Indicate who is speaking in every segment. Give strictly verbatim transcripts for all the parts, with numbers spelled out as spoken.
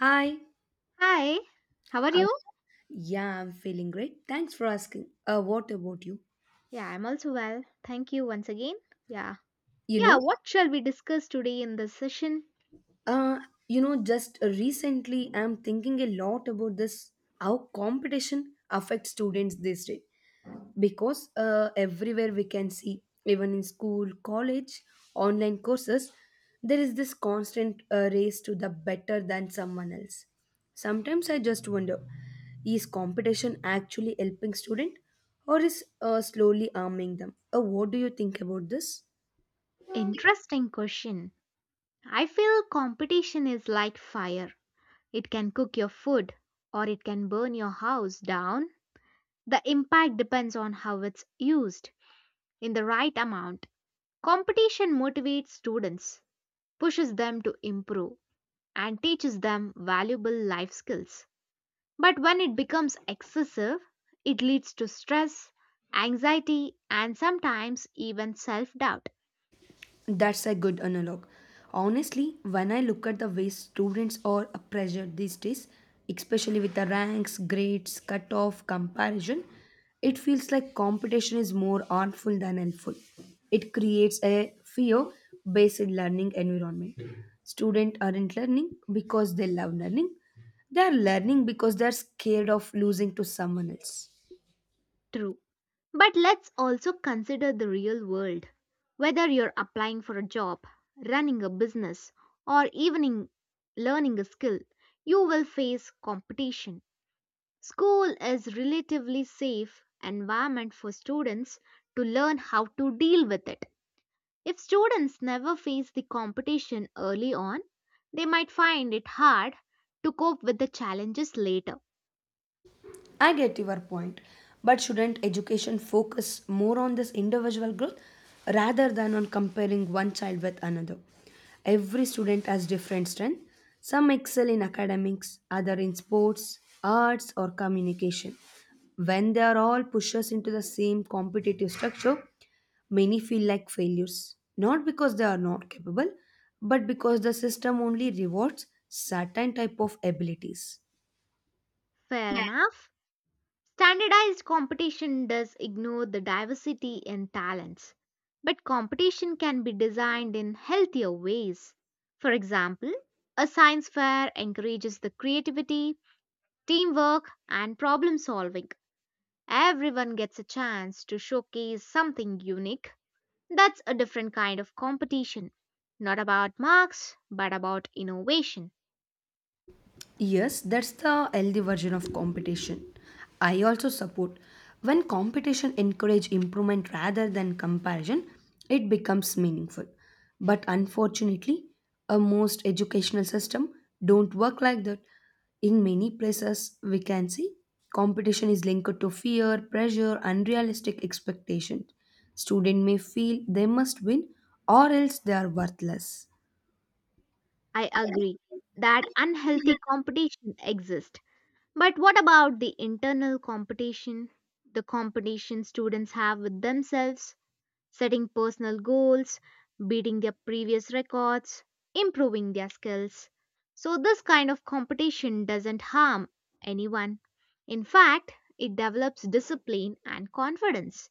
Speaker 1: Hi.
Speaker 2: Hi, how are
Speaker 1: Uh,
Speaker 2: you?
Speaker 1: yeah, I'm feeling great. Thanks for asking. Uh, what about you?
Speaker 2: Yeah, I'm also well. Thank you once again. Yeah.
Speaker 1: You
Speaker 2: Yeah,
Speaker 1: know,
Speaker 2: what shall we discuss today in this session?
Speaker 1: uh, you know, just recently I'm thinking a lot about this how competition affects students these days. Because uh, everywhere we can see, even in school, college, online courses, there is this constant uh, race to the better than someone else. Sometimes I just wonder, is competition actually helping student, or is uh, slowly arming them? Uh, what do you think about this?
Speaker 2: Interesting question. I feel competition is like fire. It can cook your food or it can burn your house down. The impact depends on how it's used in the right amount. Competition motivates students, pushes them to improve, and teaches them valuable life skills. But when it becomes excessive, it leads to stress, anxiety, and sometimes even self doubt.
Speaker 1: That's a good analog. Honestly, when I look at the way students are pressured these days, especially with the ranks, grades, cutoff, comparison, it feels like competition is more harmful than helpful. It creates a fear based learning environment. Students aren't learning because they love learning, they are learning because they are scared of losing to someone else.
Speaker 2: True. But let's also consider the real world. Whether you're applying for a job, running a business, or even in learning a skill, you will face competition. School is relatively safe environment for students to learn how to deal with it. If students never face the competition early on, they might find it hard to cope with the challenges later.
Speaker 1: I get your point, but shouldn't education focus more on this individual growth rather than on comparing one child with another? Every student has different strengths. Some excel in academics, other in sports, arts, or communication. When they are all pushers into the same competitive structure, many feel like failures, not because they are not capable, but because the system only rewards certain type of abilities.
Speaker 2: Fair enough. Standardized competition does ignore the diversity in talents, but competition can be designed in healthier ways. For example, a science fair encourages the creativity, teamwork, and problem solving. Everyone gets a chance to showcase something unique. That's a different kind of competition. Not about marks, but about innovation.
Speaker 1: Yes, that's the healthy version of competition. I also support when competition encourage improvement rather than comparison, it becomes meaningful. But unfortunately, a most educational system don't work like that. In many places, we can see competition is linked to fear, pressure, unrealistic expectations. Student may feel they must win or else they are worthless.
Speaker 2: I agree that unhealthy competition exists. But what about the internal competition? The competition students have with themselves, setting personal goals, beating their previous records, improving their skills. So, this kind of competition doesn't harm anyone. In fact, it develops discipline and confidence.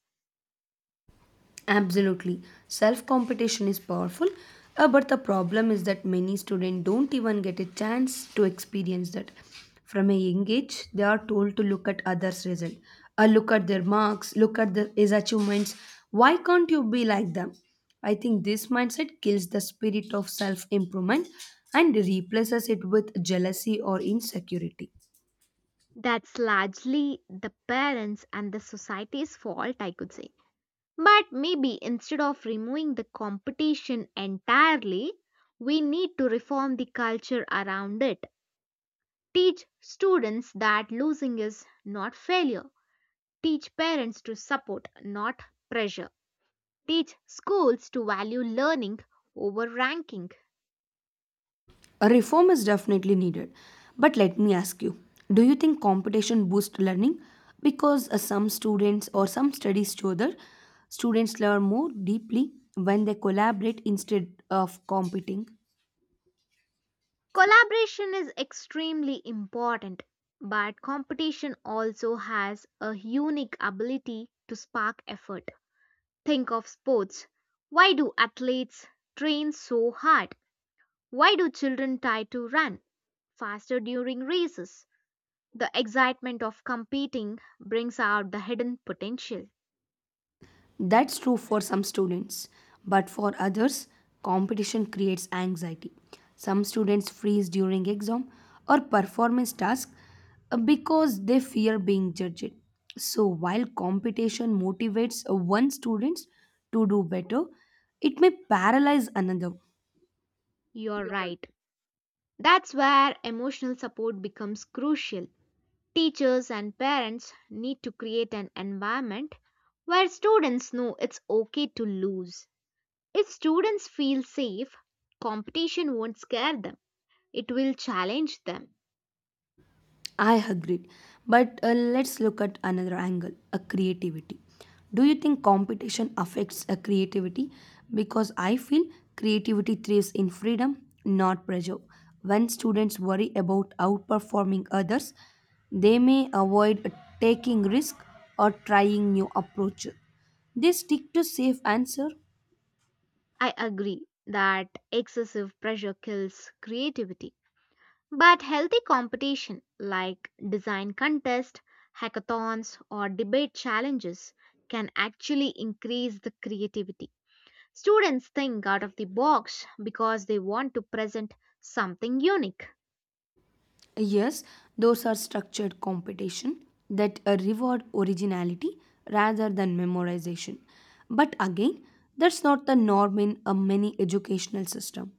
Speaker 1: Absolutely. Self competition is powerful, uh, but the problem is that many students don't even get a chance to experience that. From a young age, they are told to look at others' result, uh, look at their marks, look at their, his achievements. Why can't you be like them? I think this mindset kills the spirit of self improvement and replaces it with jealousy or insecurity.
Speaker 2: That's largely the parents and the society's fault, I could say. But maybe instead of removing the competition entirely, we need to reform the culture around it. Teach students that losing is not failure. Teach parents to support, not pressure. Teach schools to value learning over ranking.
Speaker 1: A reform is definitely needed. But let me ask you, do you think competition boosts learning? Because uh, some students or some studies show that students learn more deeply when they collaborate instead of competing.
Speaker 2: Collaboration is extremely important, but competition also has a unique ability to spark effort. Think of sports. Why do athletes train so hard? Why do children try to run faster during races? The excitement of competing brings out the hidden potential.
Speaker 1: That's true for some students, but for others, competition creates anxiety. Some students freeze during exam or performance task uh, because they fear being judged. So while competition motivates uh, one student to do better, it may paralyze another.
Speaker 2: You're right. That's where emotional support becomes crucial. Teachers and parents need to create an environment where students know it's okay to lose. If students feel safe, competition won't scare them, it will challenge them.
Speaker 1: I agree. But uh, let's look at another angle a creativity. Do you think competition affects a creativity? Because I feel creativity thrives in freedom, not pressure. When students worry about outperforming others, they may avoid taking risk or trying new approaches. They stick to safe answer.
Speaker 2: I agree that excessive pressure kills creativity, but healthy competition like design contests, hackathons, or debate challenges can actually increase the creativity. Students think out of the box because they want to present something unique.
Speaker 1: Yes, those are structured competition that uh, reward originality rather than memorization. But again, that's not the norm in a many educational system.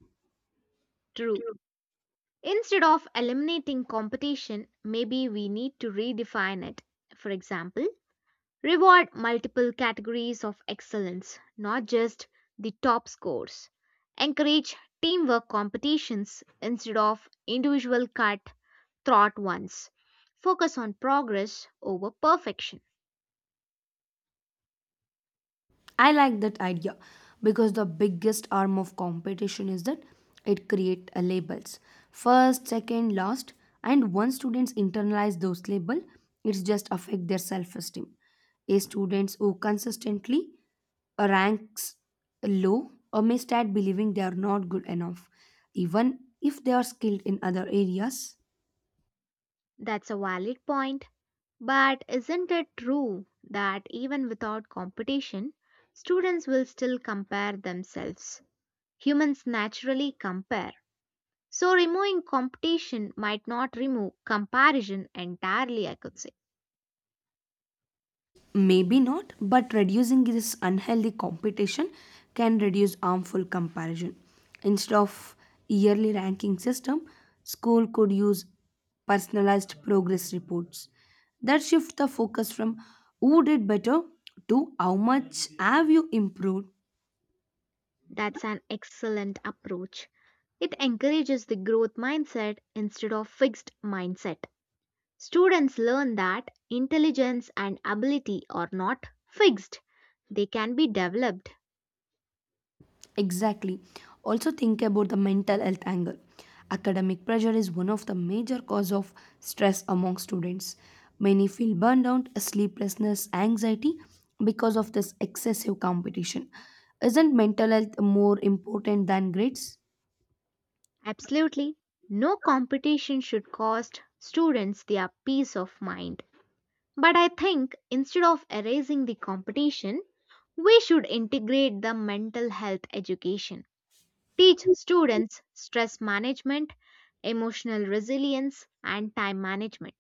Speaker 2: True. Instead of eliminating competition, maybe we need to redefine it. For example, reward multiple categories of excellence, not just the top scores. Encourage teamwork competitions instead of individual cut throat ones. Focus on progress over perfection.
Speaker 1: I like that idea because the biggest arm of competition is that it create a labels. First, second, last, and once students internalize those label, it's just affect their self-esteem. A students who consistently ranks low or may start believing they are not good enough, even if they are skilled in other areas.
Speaker 2: That's a valid point. But isn't it true that even without competition, students will still compare themselves? Humans naturally compare. So, removing competition might not remove comparison entirely, I could say.
Speaker 1: Maybe not, but reducing this unhealthy competition can reduce harmful comparison. Instead of yearly ranking system, school could use personalized progress reports that shift the focus from who did better to how much have you improved.
Speaker 2: That's an excellent approach. It encourages the growth mindset instead of fixed mindset. Students learn that intelligence and ability are not fixed, they can be developed.
Speaker 1: Exactly. Also think about the mental health angle. Academic pressure is one of the major cause of stress among students. Many feel burned out, sleeplessness, anxiety because of this excessive competition. Isn't mental health more important than grades?
Speaker 2: Absolutely. No competition should cost students their peace of mind. But I think instead of erasing the competition, we should integrate the mental health education. Teach students stress management, emotional resilience, and time management.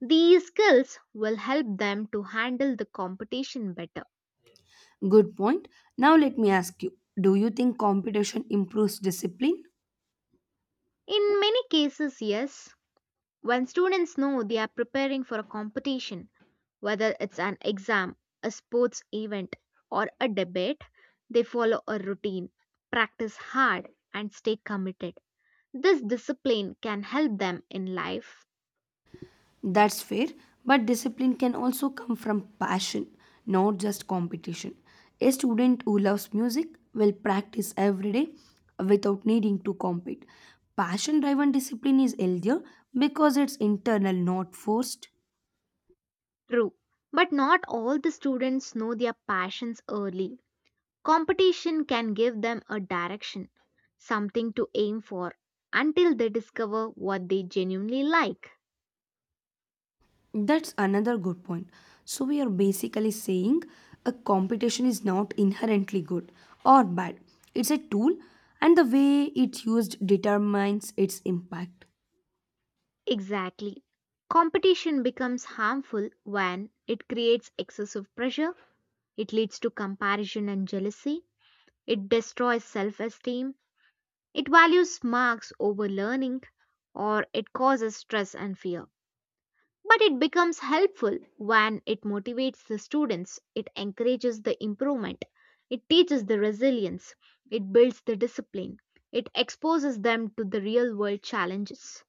Speaker 2: These skills will help them to handle the competition better.
Speaker 1: Good point. Now let me ask you, do you think competition improves discipline?
Speaker 2: In many cases, yes, when students know they are preparing for a competition, whether it's an exam, a sports event, or a debate, they follow a routine, practice hard, and stay committed. This discipline can help them in life,
Speaker 1: That's fair, but discipline can also come from passion, not just competition. A student who loves music will practice every day without needing to compete. Passion driven discipline is healthier because it's internal, not forced.
Speaker 2: true. But not all the students know their passions early. Competition can give them a direction, something to aim for, until they discover what they genuinely like.
Speaker 1: That's another good point. So, we are basically saying a competition is not inherently good or bad, it's a tool, and the way it's used determines its impact.
Speaker 2: Exactly. Competition becomes harmful when it creates excessive pressure, it leads to comparison and jealousy, it destroys self esteem, it values marks over learning, or it causes stress and fear. But it becomes helpful when it motivates the students, it encourages the improvement, it teaches the resilience, it builds the discipline, it exposes them to the real world challenges.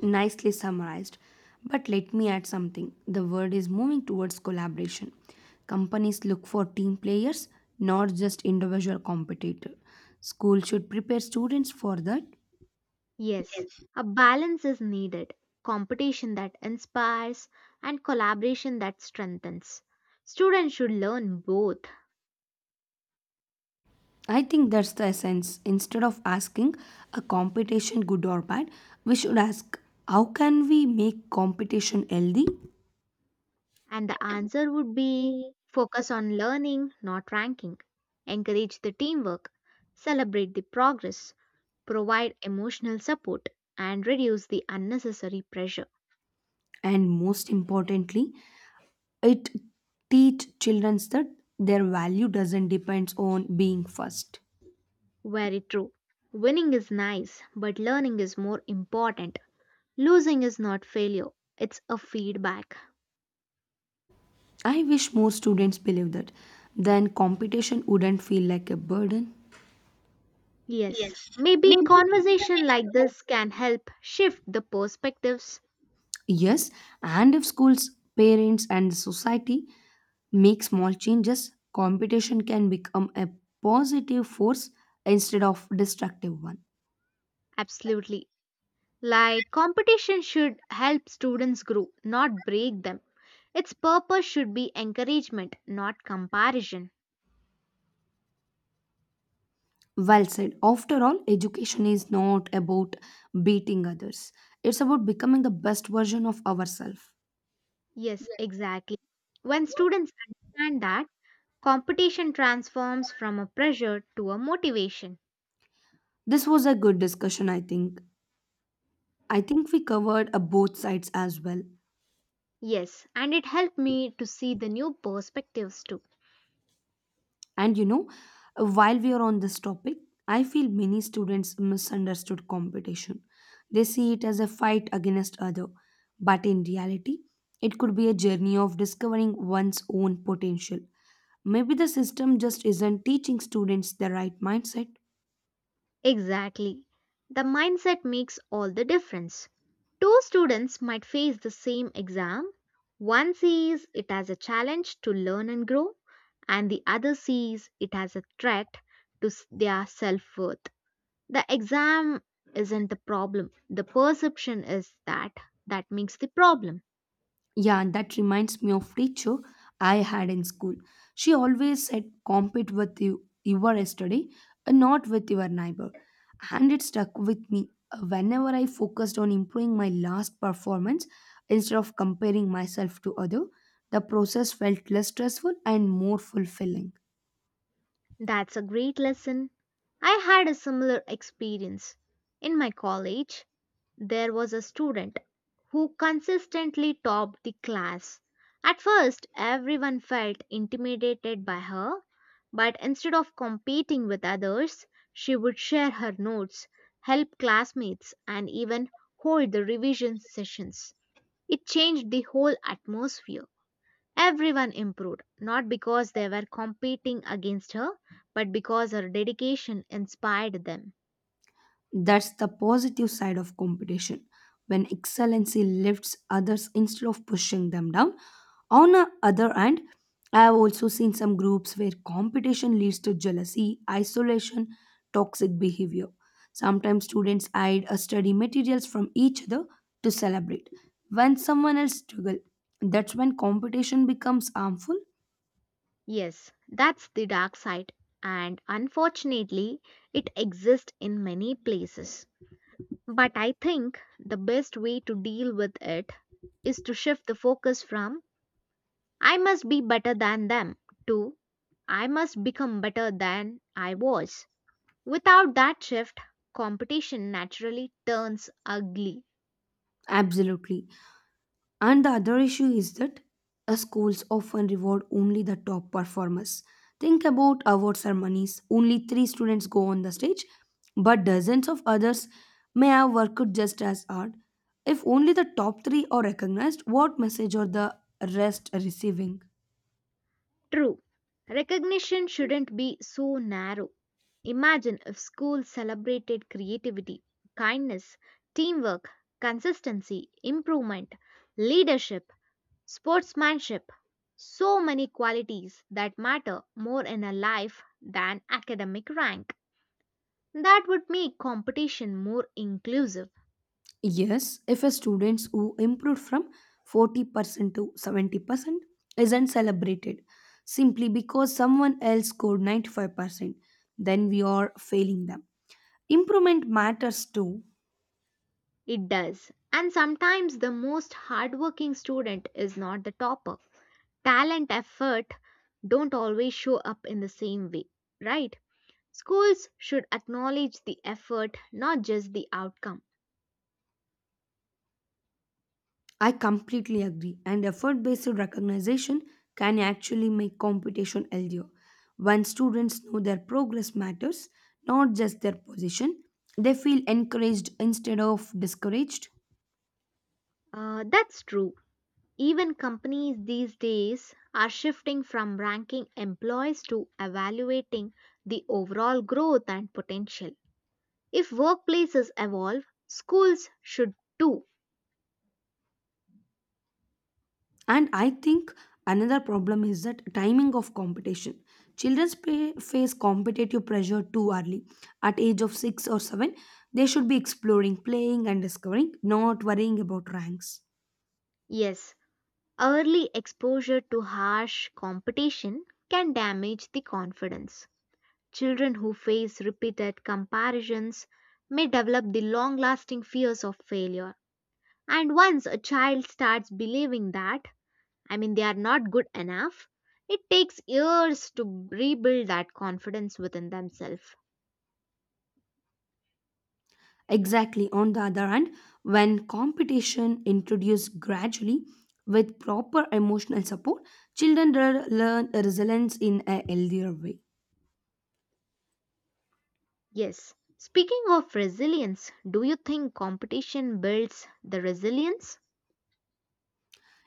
Speaker 1: Nicely summarized. But let me add something. The world is moving towards collaboration. Companies look for team players, not just individual competitor. School should prepare students for that.
Speaker 2: Yes, a balance is needed competition that inspires and collaboration that strengthens. Students should learn both,
Speaker 1: I think that's the essence. Instead of asking a competition good or bad, we should ask how can we make competition healthy.
Speaker 2: and the answer would be focus on learning, not ranking. Encourage the teamwork, celebrate the progress, provide emotional support, and reduce the unnecessary pressure.
Speaker 1: And most importantly, it teach children that their value doesn't depend on being first.
Speaker 2: Very true. Winning is nice, but learning is more important. Losing is not failure, it's a feedback.
Speaker 1: I wish more students believe that. Then competition wouldn't feel like a burden.
Speaker 2: Yes, maybe conversation like this can help shift the perspectives.
Speaker 1: Yes, and if schools, parents, and society make small changes, competition can become a positive force instead of destructive one.
Speaker 2: Absolutely. Like competition should help students grow, not break them. Its purpose should be encouragement, not comparison.
Speaker 1: Well said. After all, education is not about beating others. It's about becoming the best version of ourselves.
Speaker 2: Yes, exactly. When students understand that, competition transforms from a pressure to a motivation.
Speaker 1: This was a good discussion, I think. I think we covered uh, both sides as well.
Speaker 2: Yes, and it helped me to see the new perspectives too.
Speaker 1: And you know, while we are on this topic, I feel many students misunderstood competition. They see it as a fight against other, but in reality, it could be a journey of discovering one's own potential. Maybe the system just isn't teaching students the right mindset.
Speaker 2: Exactly. The mindset makes all the difference. Two students might face the same exam. One sees it as a challenge to learn and grow, and the other sees it as a threat to s- their self worth. The exam isn't the problem, the perception is that that makes the problem.
Speaker 1: Yeah, and that reminds me of teacher I had in school. She always said, "Compete with you, your yesterday and not with your neighbor." And it stuck with me. Whenever I focused on improving my last performance instead of comparing myself to other, the process felt less stressful and more fulfilling.
Speaker 2: That's a great lesson. I had a similar experience in my college. There was a student who consistently topped the class. At first, everyone felt intimidated by her, but instead of competing with others, she would share her notes, help classmates, and even hold the revision sessions. It changed the whole atmosphere. Everyone improved, not because they were competing against her, but because her dedication inspired them.
Speaker 1: That's the positive side of competition. When excellency lifts others instead of pushing them down. On the other hand, I have also seen some groups where competition leads to jealousy, isolation, toxic behavior. Sometimes students hide a study materials from each other to celebrate. When someone else struggles, that's when competition becomes harmful.
Speaker 2: Yes, that's the dark side, and unfortunately, it exists in many places. But I think the best way to deal with it is to shift the focus from I must be better than them to I must become better than I was. Without that shift, competition naturally turns ugly.
Speaker 1: Absolutely. And the other issue is that uh, schools often reward only the top performers. Think about award ceremonies. Only three students go on the stage, but dozens of others may have worked just as hard. If only the top three are recognized, what message are the rest receiving?
Speaker 2: True, recognition shouldn't be so narrow. Imagine if schools celebrated creativity, kindness, teamwork, consistency, improvement, leadership, sportsmanship. So many qualities that matter more in a life than academic rank. That would make competition more inclusive.
Speaker 1: Yes, if a students who improved from forty percent to seventy percent isn't celebrated simply because someone else scored ninety-five percent, then we are failing them. Improvement matters too.
Speaker 2: It does. And sometimes the most hardworking student is not the topper. Talent effort don't always show up in the same way, right? Schools should acknowledge the effort, not just the outcome.
Speaker 1: I completely agree, and effort based recognition can actually make competition healthier. When students know their progress matters, not just their position, they feel encouraged instead of discouraged.
Speaker 2: Uh, that's true. Even companies these days are shifting from ranking employees to evaluating the overall growth and potential. If workplaces evolve, schools should too.
Speaker 1: And I think another problem is that timing of competition. Children sp- face competitive pressure too early. At age of six or seven, they should be exploring, playing and discovering, not worrying about ranks.
Speaker 2: Yes, early exposure to harsh competition can damage the confidence. Children who face repeated comparisons may develop the long lasting fears of failure. And once a child starts believing that, I mean, they are not good enough, it takes years to rebuild that confidence within themselves.
Speaker 1: Exactly. On the other hand, when competition introduced gradually with proper emotional support, children re- learn resilience in a healthier way.
Speaker 2: Yes. Speaking of resilience, do you think competition builds the resilience?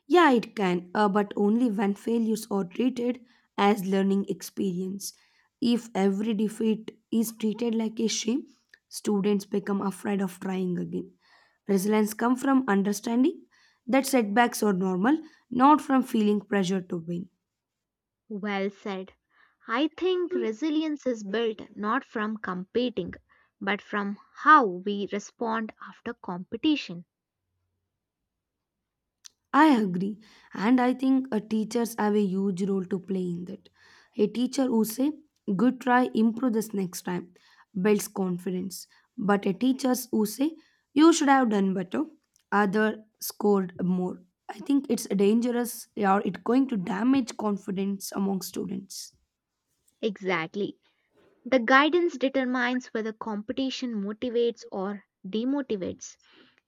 Speaker 1: Yeah, it can, uh, but only when failures are treated as learning experience. If every defeat is treated like a shame, students become afraid of trying again. Resilience comes from understanding that setbacks are normal, not from feeling pressure to win.
Speaker 2: Well said. I think resilience is built not from competing, but from how we respond after competition.
Speaker 1: I agree, and I think uh, teachers have a huge role to play in that. A teacher who say, "Good try, improve this next time," builds confidence. But a teachers who say, "You should have done better," other scored more. I think it's dangerous, or it going to damage confidence among students.
Speaker 2: Exactly. The guidance determines whether competition motivates or demotivates.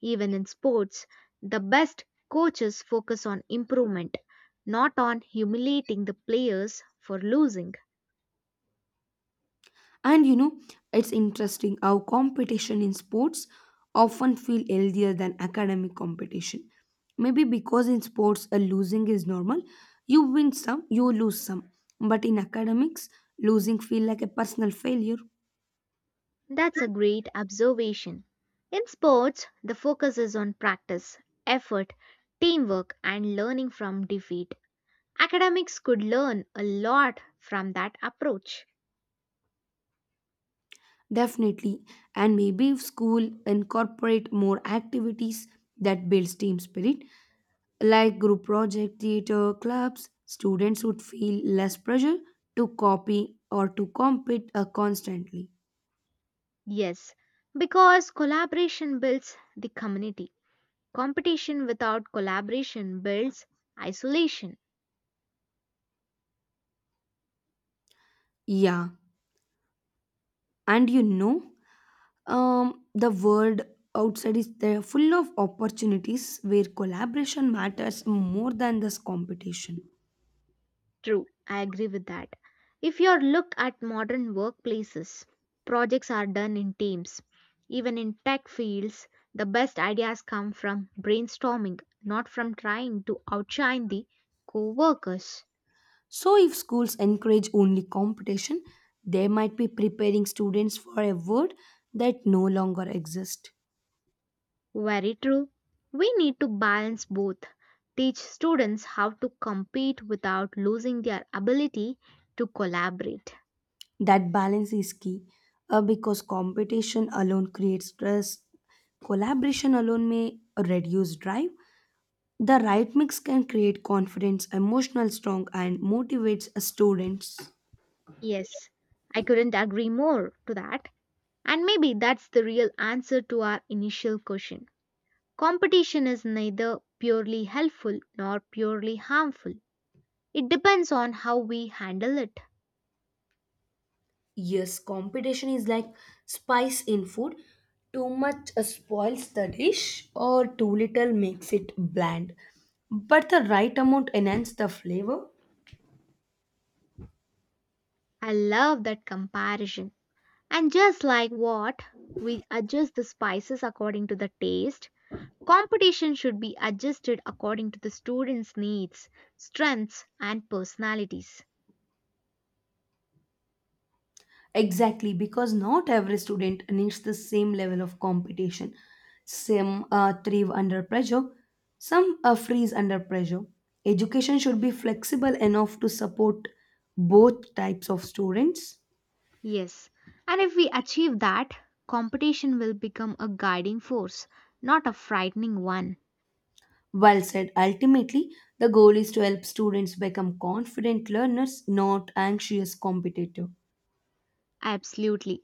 Speaker 2: Even in sports, the best coaches focus on improvement, not on humiliating the players for losing.
Speaker 1: And you know, it's interesting how competition in sports often feel healthier than academic competition. Maybe because in sports a losing is normal. You win some, you lose some. But in academics, losing feel like a personal failure.
Speaker 2: That's a great observation. In sports, the focus is on practice, effort, teamwork, and learning from defeat. Academics could learn a lot from that approach.
Speaker 1: Definitely. And maybe if school incorporate more activities that builds team spirit, like group project, theater, clubs, students would feel less pressure to copy or to compete uh, constantly.
Speaker 2: Yes, because collaboration builds the community. Competition without collaboration builds isolation.
Speaker 1: Yeah, and you know, um, the world outside is there full of opportunities where collaboration matters more than this competition.
Speaker 2: True, I agree with that. If you look at modern workplaces, projects are done in teams. Even in tech fields, the best ideas come from brainstorming, not from trying to outshine the co workers.
Speaker 1: So, if schools encourage only competition, they might be preparing students for a world that no longer exists.
Speaker 2: Very true. We need to balance both. Teach students how to compete without losing their ability to collaborate.
Speaker 1: That balance is key uh, because competition alone creates stress, collaboration alone may reduce drive. The right mix can create confidence, emotional strong, and motivates students.
Speaker 2: Yes, I couldn't agree more to that. And maybe that's the real answer to our initial question. Competition is neither purely helpful nor purely harmful. It depends on how we handle it.
Speaker 1: Yes, competition is like spice in food. Too much uh, spoils the dish, or too little makes it bland. But the right amount enhances the flavor.
Speaker 2: I love that comparison. And just like what, we adjust the spices according to the taste, competition should be adjusted according to the students' needs, strengths, and personalities.
Speaker 1: Exactly, because not every student needs the same level of competition. Some uh, thrive under pressure, some uh, freeze under pressure. Education should be flexible enough to support both types of students.
Speaker 2: Yes, and if we achieve that, competition will become a guiding force, not a frightening one.
Speaker 1: Well said, ultimately, the goal is to help students become confident learners, not anxious competitors.
Speaker 2: Absolutely.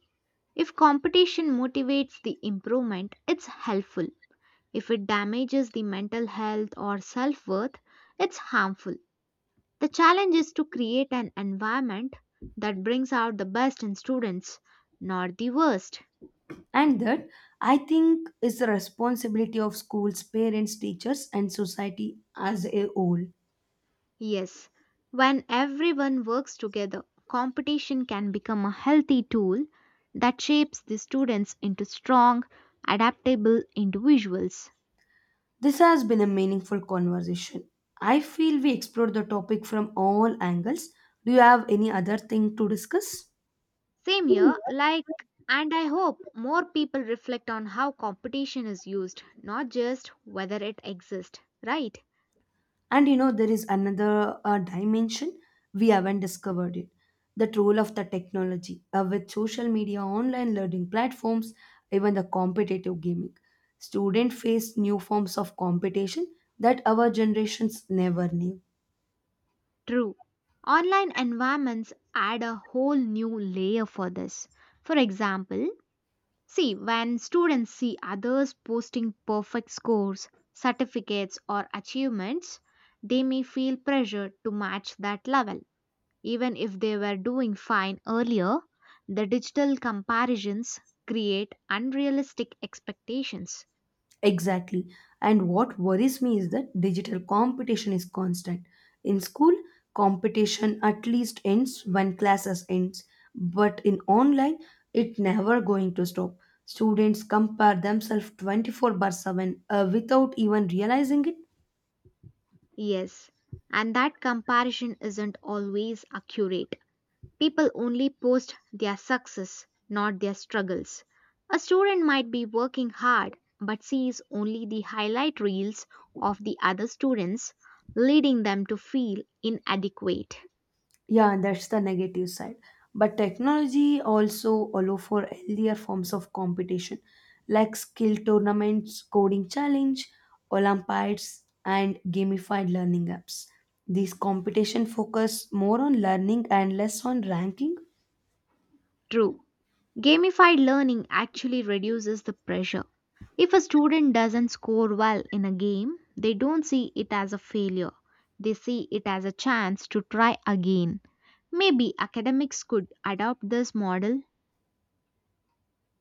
Speaker 2: If competition motivates the improvement, it's helpful. If it damages the mental health or self worth, it's harmful. The challenge is to create an environment that brings out the best in students, not the worst.
Speaker 1: And that, I think, is the responsibility of schools, parents, teachers, and society as a whole.
Speaker 2: Yes, when everyone works together, competition can become a healthy tool that shapes the students into strong, adaptable individuals.
Speaker 1: This has been a meaningful conversation. I feel we explored the topic from all angles. Do you have any other thing to discuss?
Speaker 2: Same here, like, and I hope more people reflect on how competition is used, not just whether it exists, right?
Speaker 1: And you know, there is another uh, dimension we haven't discovered it that role of the technology uh, with social media, online learning platforms, even the competitive gaming. Students face new forms of competition that our generations never knew.
Speaker 2: True. Online environments add a whole new layer for this. For example, see, when students see others posting perfect scores, certificates, or achievements, they may feel pressure to match that level. Even if they were doing fine earlier, the digital comparisons create unrealistic expectations.
Speaker 1: Exactly. And what worries me is that digital competition is constant. In school, competition at least ends when classes ends, but in online, it never going to stop. Students compare themselves twenty-four by seven uh, without even realizing it.
Speaker 2: Yes, and that comparison isn't always accurate. People only post their success, not their struggles. A student might be working hard but sees only the highlight reels of the other students, leading them to feel inadequate.
Speaker 1: Yeah, and that's the negative side. But technology also allow for healthier forms of competition, like skill tournaments, coding challenge, Olympiads, and gamified learning apps. These competition focus more on learning and less on ranking.
Speaker 2: True. Gamified learning actually reduces the pressure. If a student doesn't score well in a game, they don't see it as a failure. They see it as a chance to try again. Maybe academics could adopt this model.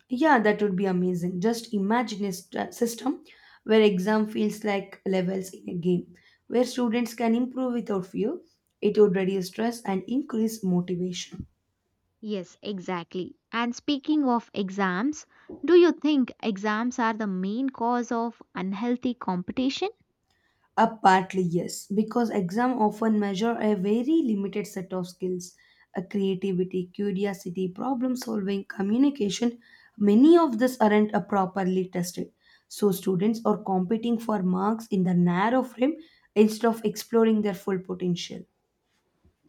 Speaker 1: Yeah, that would be amazing. Just imagine a st- system where exam feels like levels in a game, where students can improve without fear. It would reduce stress and increase motivation.
Speaker 2: Yes, exactly. And speaking of exams, do you think exams are the main cause of unhealthy competition?
Speaker 1: Uh, partly yes, because exam often measure a very limited set of skills, a creativity, curiosity, problem solving, communication. Many of these aren't uh, properly tested, so students are competing for marks in the narrow frame instead of exploring their full potential.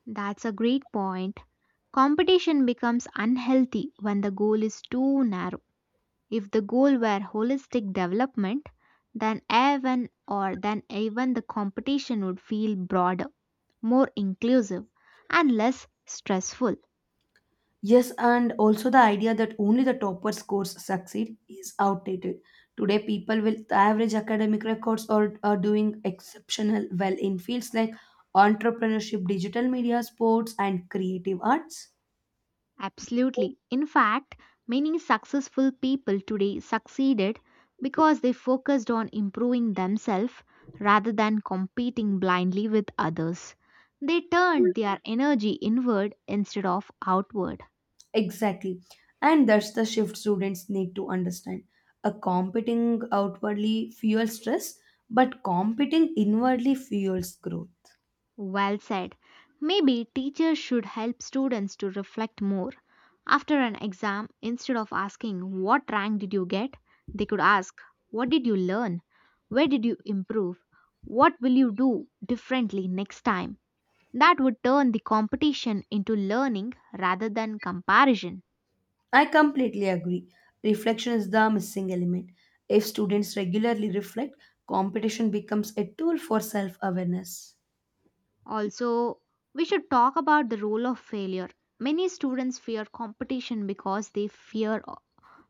Speaker 2: That's a great point. Competition becomes unhealthy when the goal is too narrow. If the goal were holistic development, then even or then even the competition would feel broader, more inclusive, and less stressful.
Speaker 1: Yes, and also the idea that only the topper scores succeed is outdated. Today, people with average academic records are, are doing exceptional well in fields like entrepreneurship, digital media, sports, and creative arts.
Speaker 2: Absolutely. In fact, many successful people today succeeded because they focused on improving themselves rather than competing blindly with others. They turned their energy inward instead of outward.
Speaker 1: Exactly. And that's the shift students need to understand. A competing outwardly fuels stress, but competing inwardly fuels growth.
Speaker 2: Well said. Maybe teachers should help students to reflect more. After an exam, instead of asking, "What rank did you get?" they could ask, "What did you learn? Where did you improve? What will you do differently next time?" That would turn the competition into learning rather than comparison.
Speaker 1: I completely agree. Reflection is the missing element. If students regularly reflect, competition becomes a tool for self awareness.
Speaker 2: Also, we should talk about the role of failure. Many students fear competition because they fear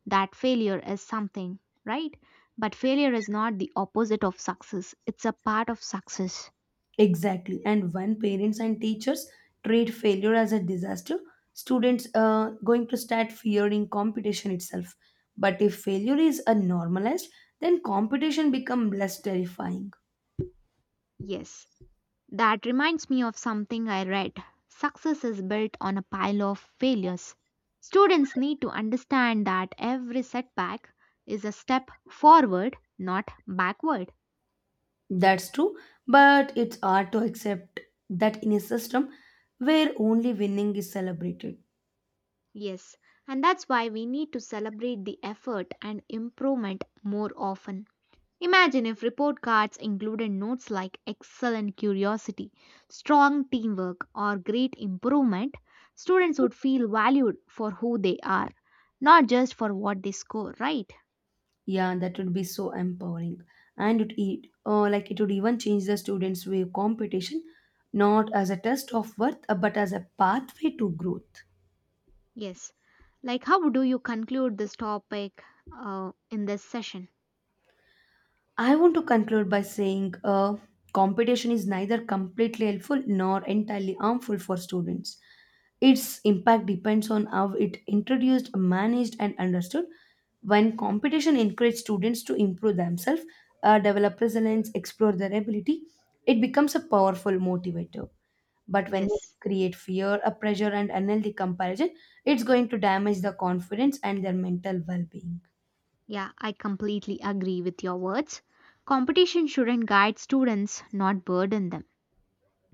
Speaker 2: that failure is something, right? But failure is not the opposite of success, it's a part of success.
Speaker 1: Exactly. And when parents and teachers treat failure as a disaster, students are going to start fearing competition itself. But if failure is uh, normalized, then competition becomes less terrifying.
Speaker 2: Yes, that reminds me of something I read. Success is built on a pile of failures. Students need to understand that every setback is a step forward, not backward.
Speaker 1: That's true, but it's hard to accept that in a system where only winning is celebrated.
Speaker 2: Yes, and that's why we need to celebrate the effort and improvement more often. Imagine if report cards included notes like excellent curiosity, strong teamwork, or great improvement. Students would feel valued for who they are, not just for what they score, right?
Speaker 1: Yeah, that would be so empowering. And it, it uh, like it would even change the students' view of competition, not as a test of worth, uh, but as a pathway to growth.
Speaker 2: Yes. Like, how do you conclude this topic uh, in this session?
Speaker 1: I want to conclude by saying uh, competition is neither completely helpful nor entirely harmful for students. Its impact depends on how it introduced, managed, and understood. When competition encourages students to improve themselves, uh, develop resilience, explore their ability, it becomes a powerful motivator. But when we
Speaker 2: Yes.
Speaker 1: create fear, a pressure, and unhealthy comparison, it's going to damage the confidence and their mental well being.
Speaker 2: Yeah, I completely agree with your words. Competition shouldn't guide students, not burden them.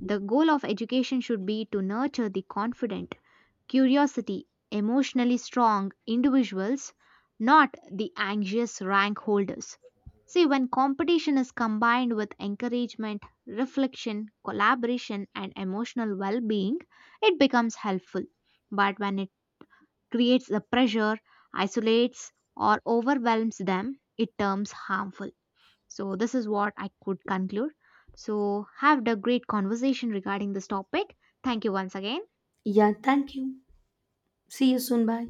Speaker 2: The goal of education should be to nurture the confident curiosity, emotionally strong individuals, not the anxious rank holders. See, when competition is combined with encouragement, reflection, collaboration, and emotional well being, it becomes helpful. But when it creates the pressure, isolates, or overwhelms them, it turns harmful. So, this is what I could conclude. So, have a great conversation regarding this topic. Thank you once again.
Speaker 1: Yeah, thank you. See you soon. Bye.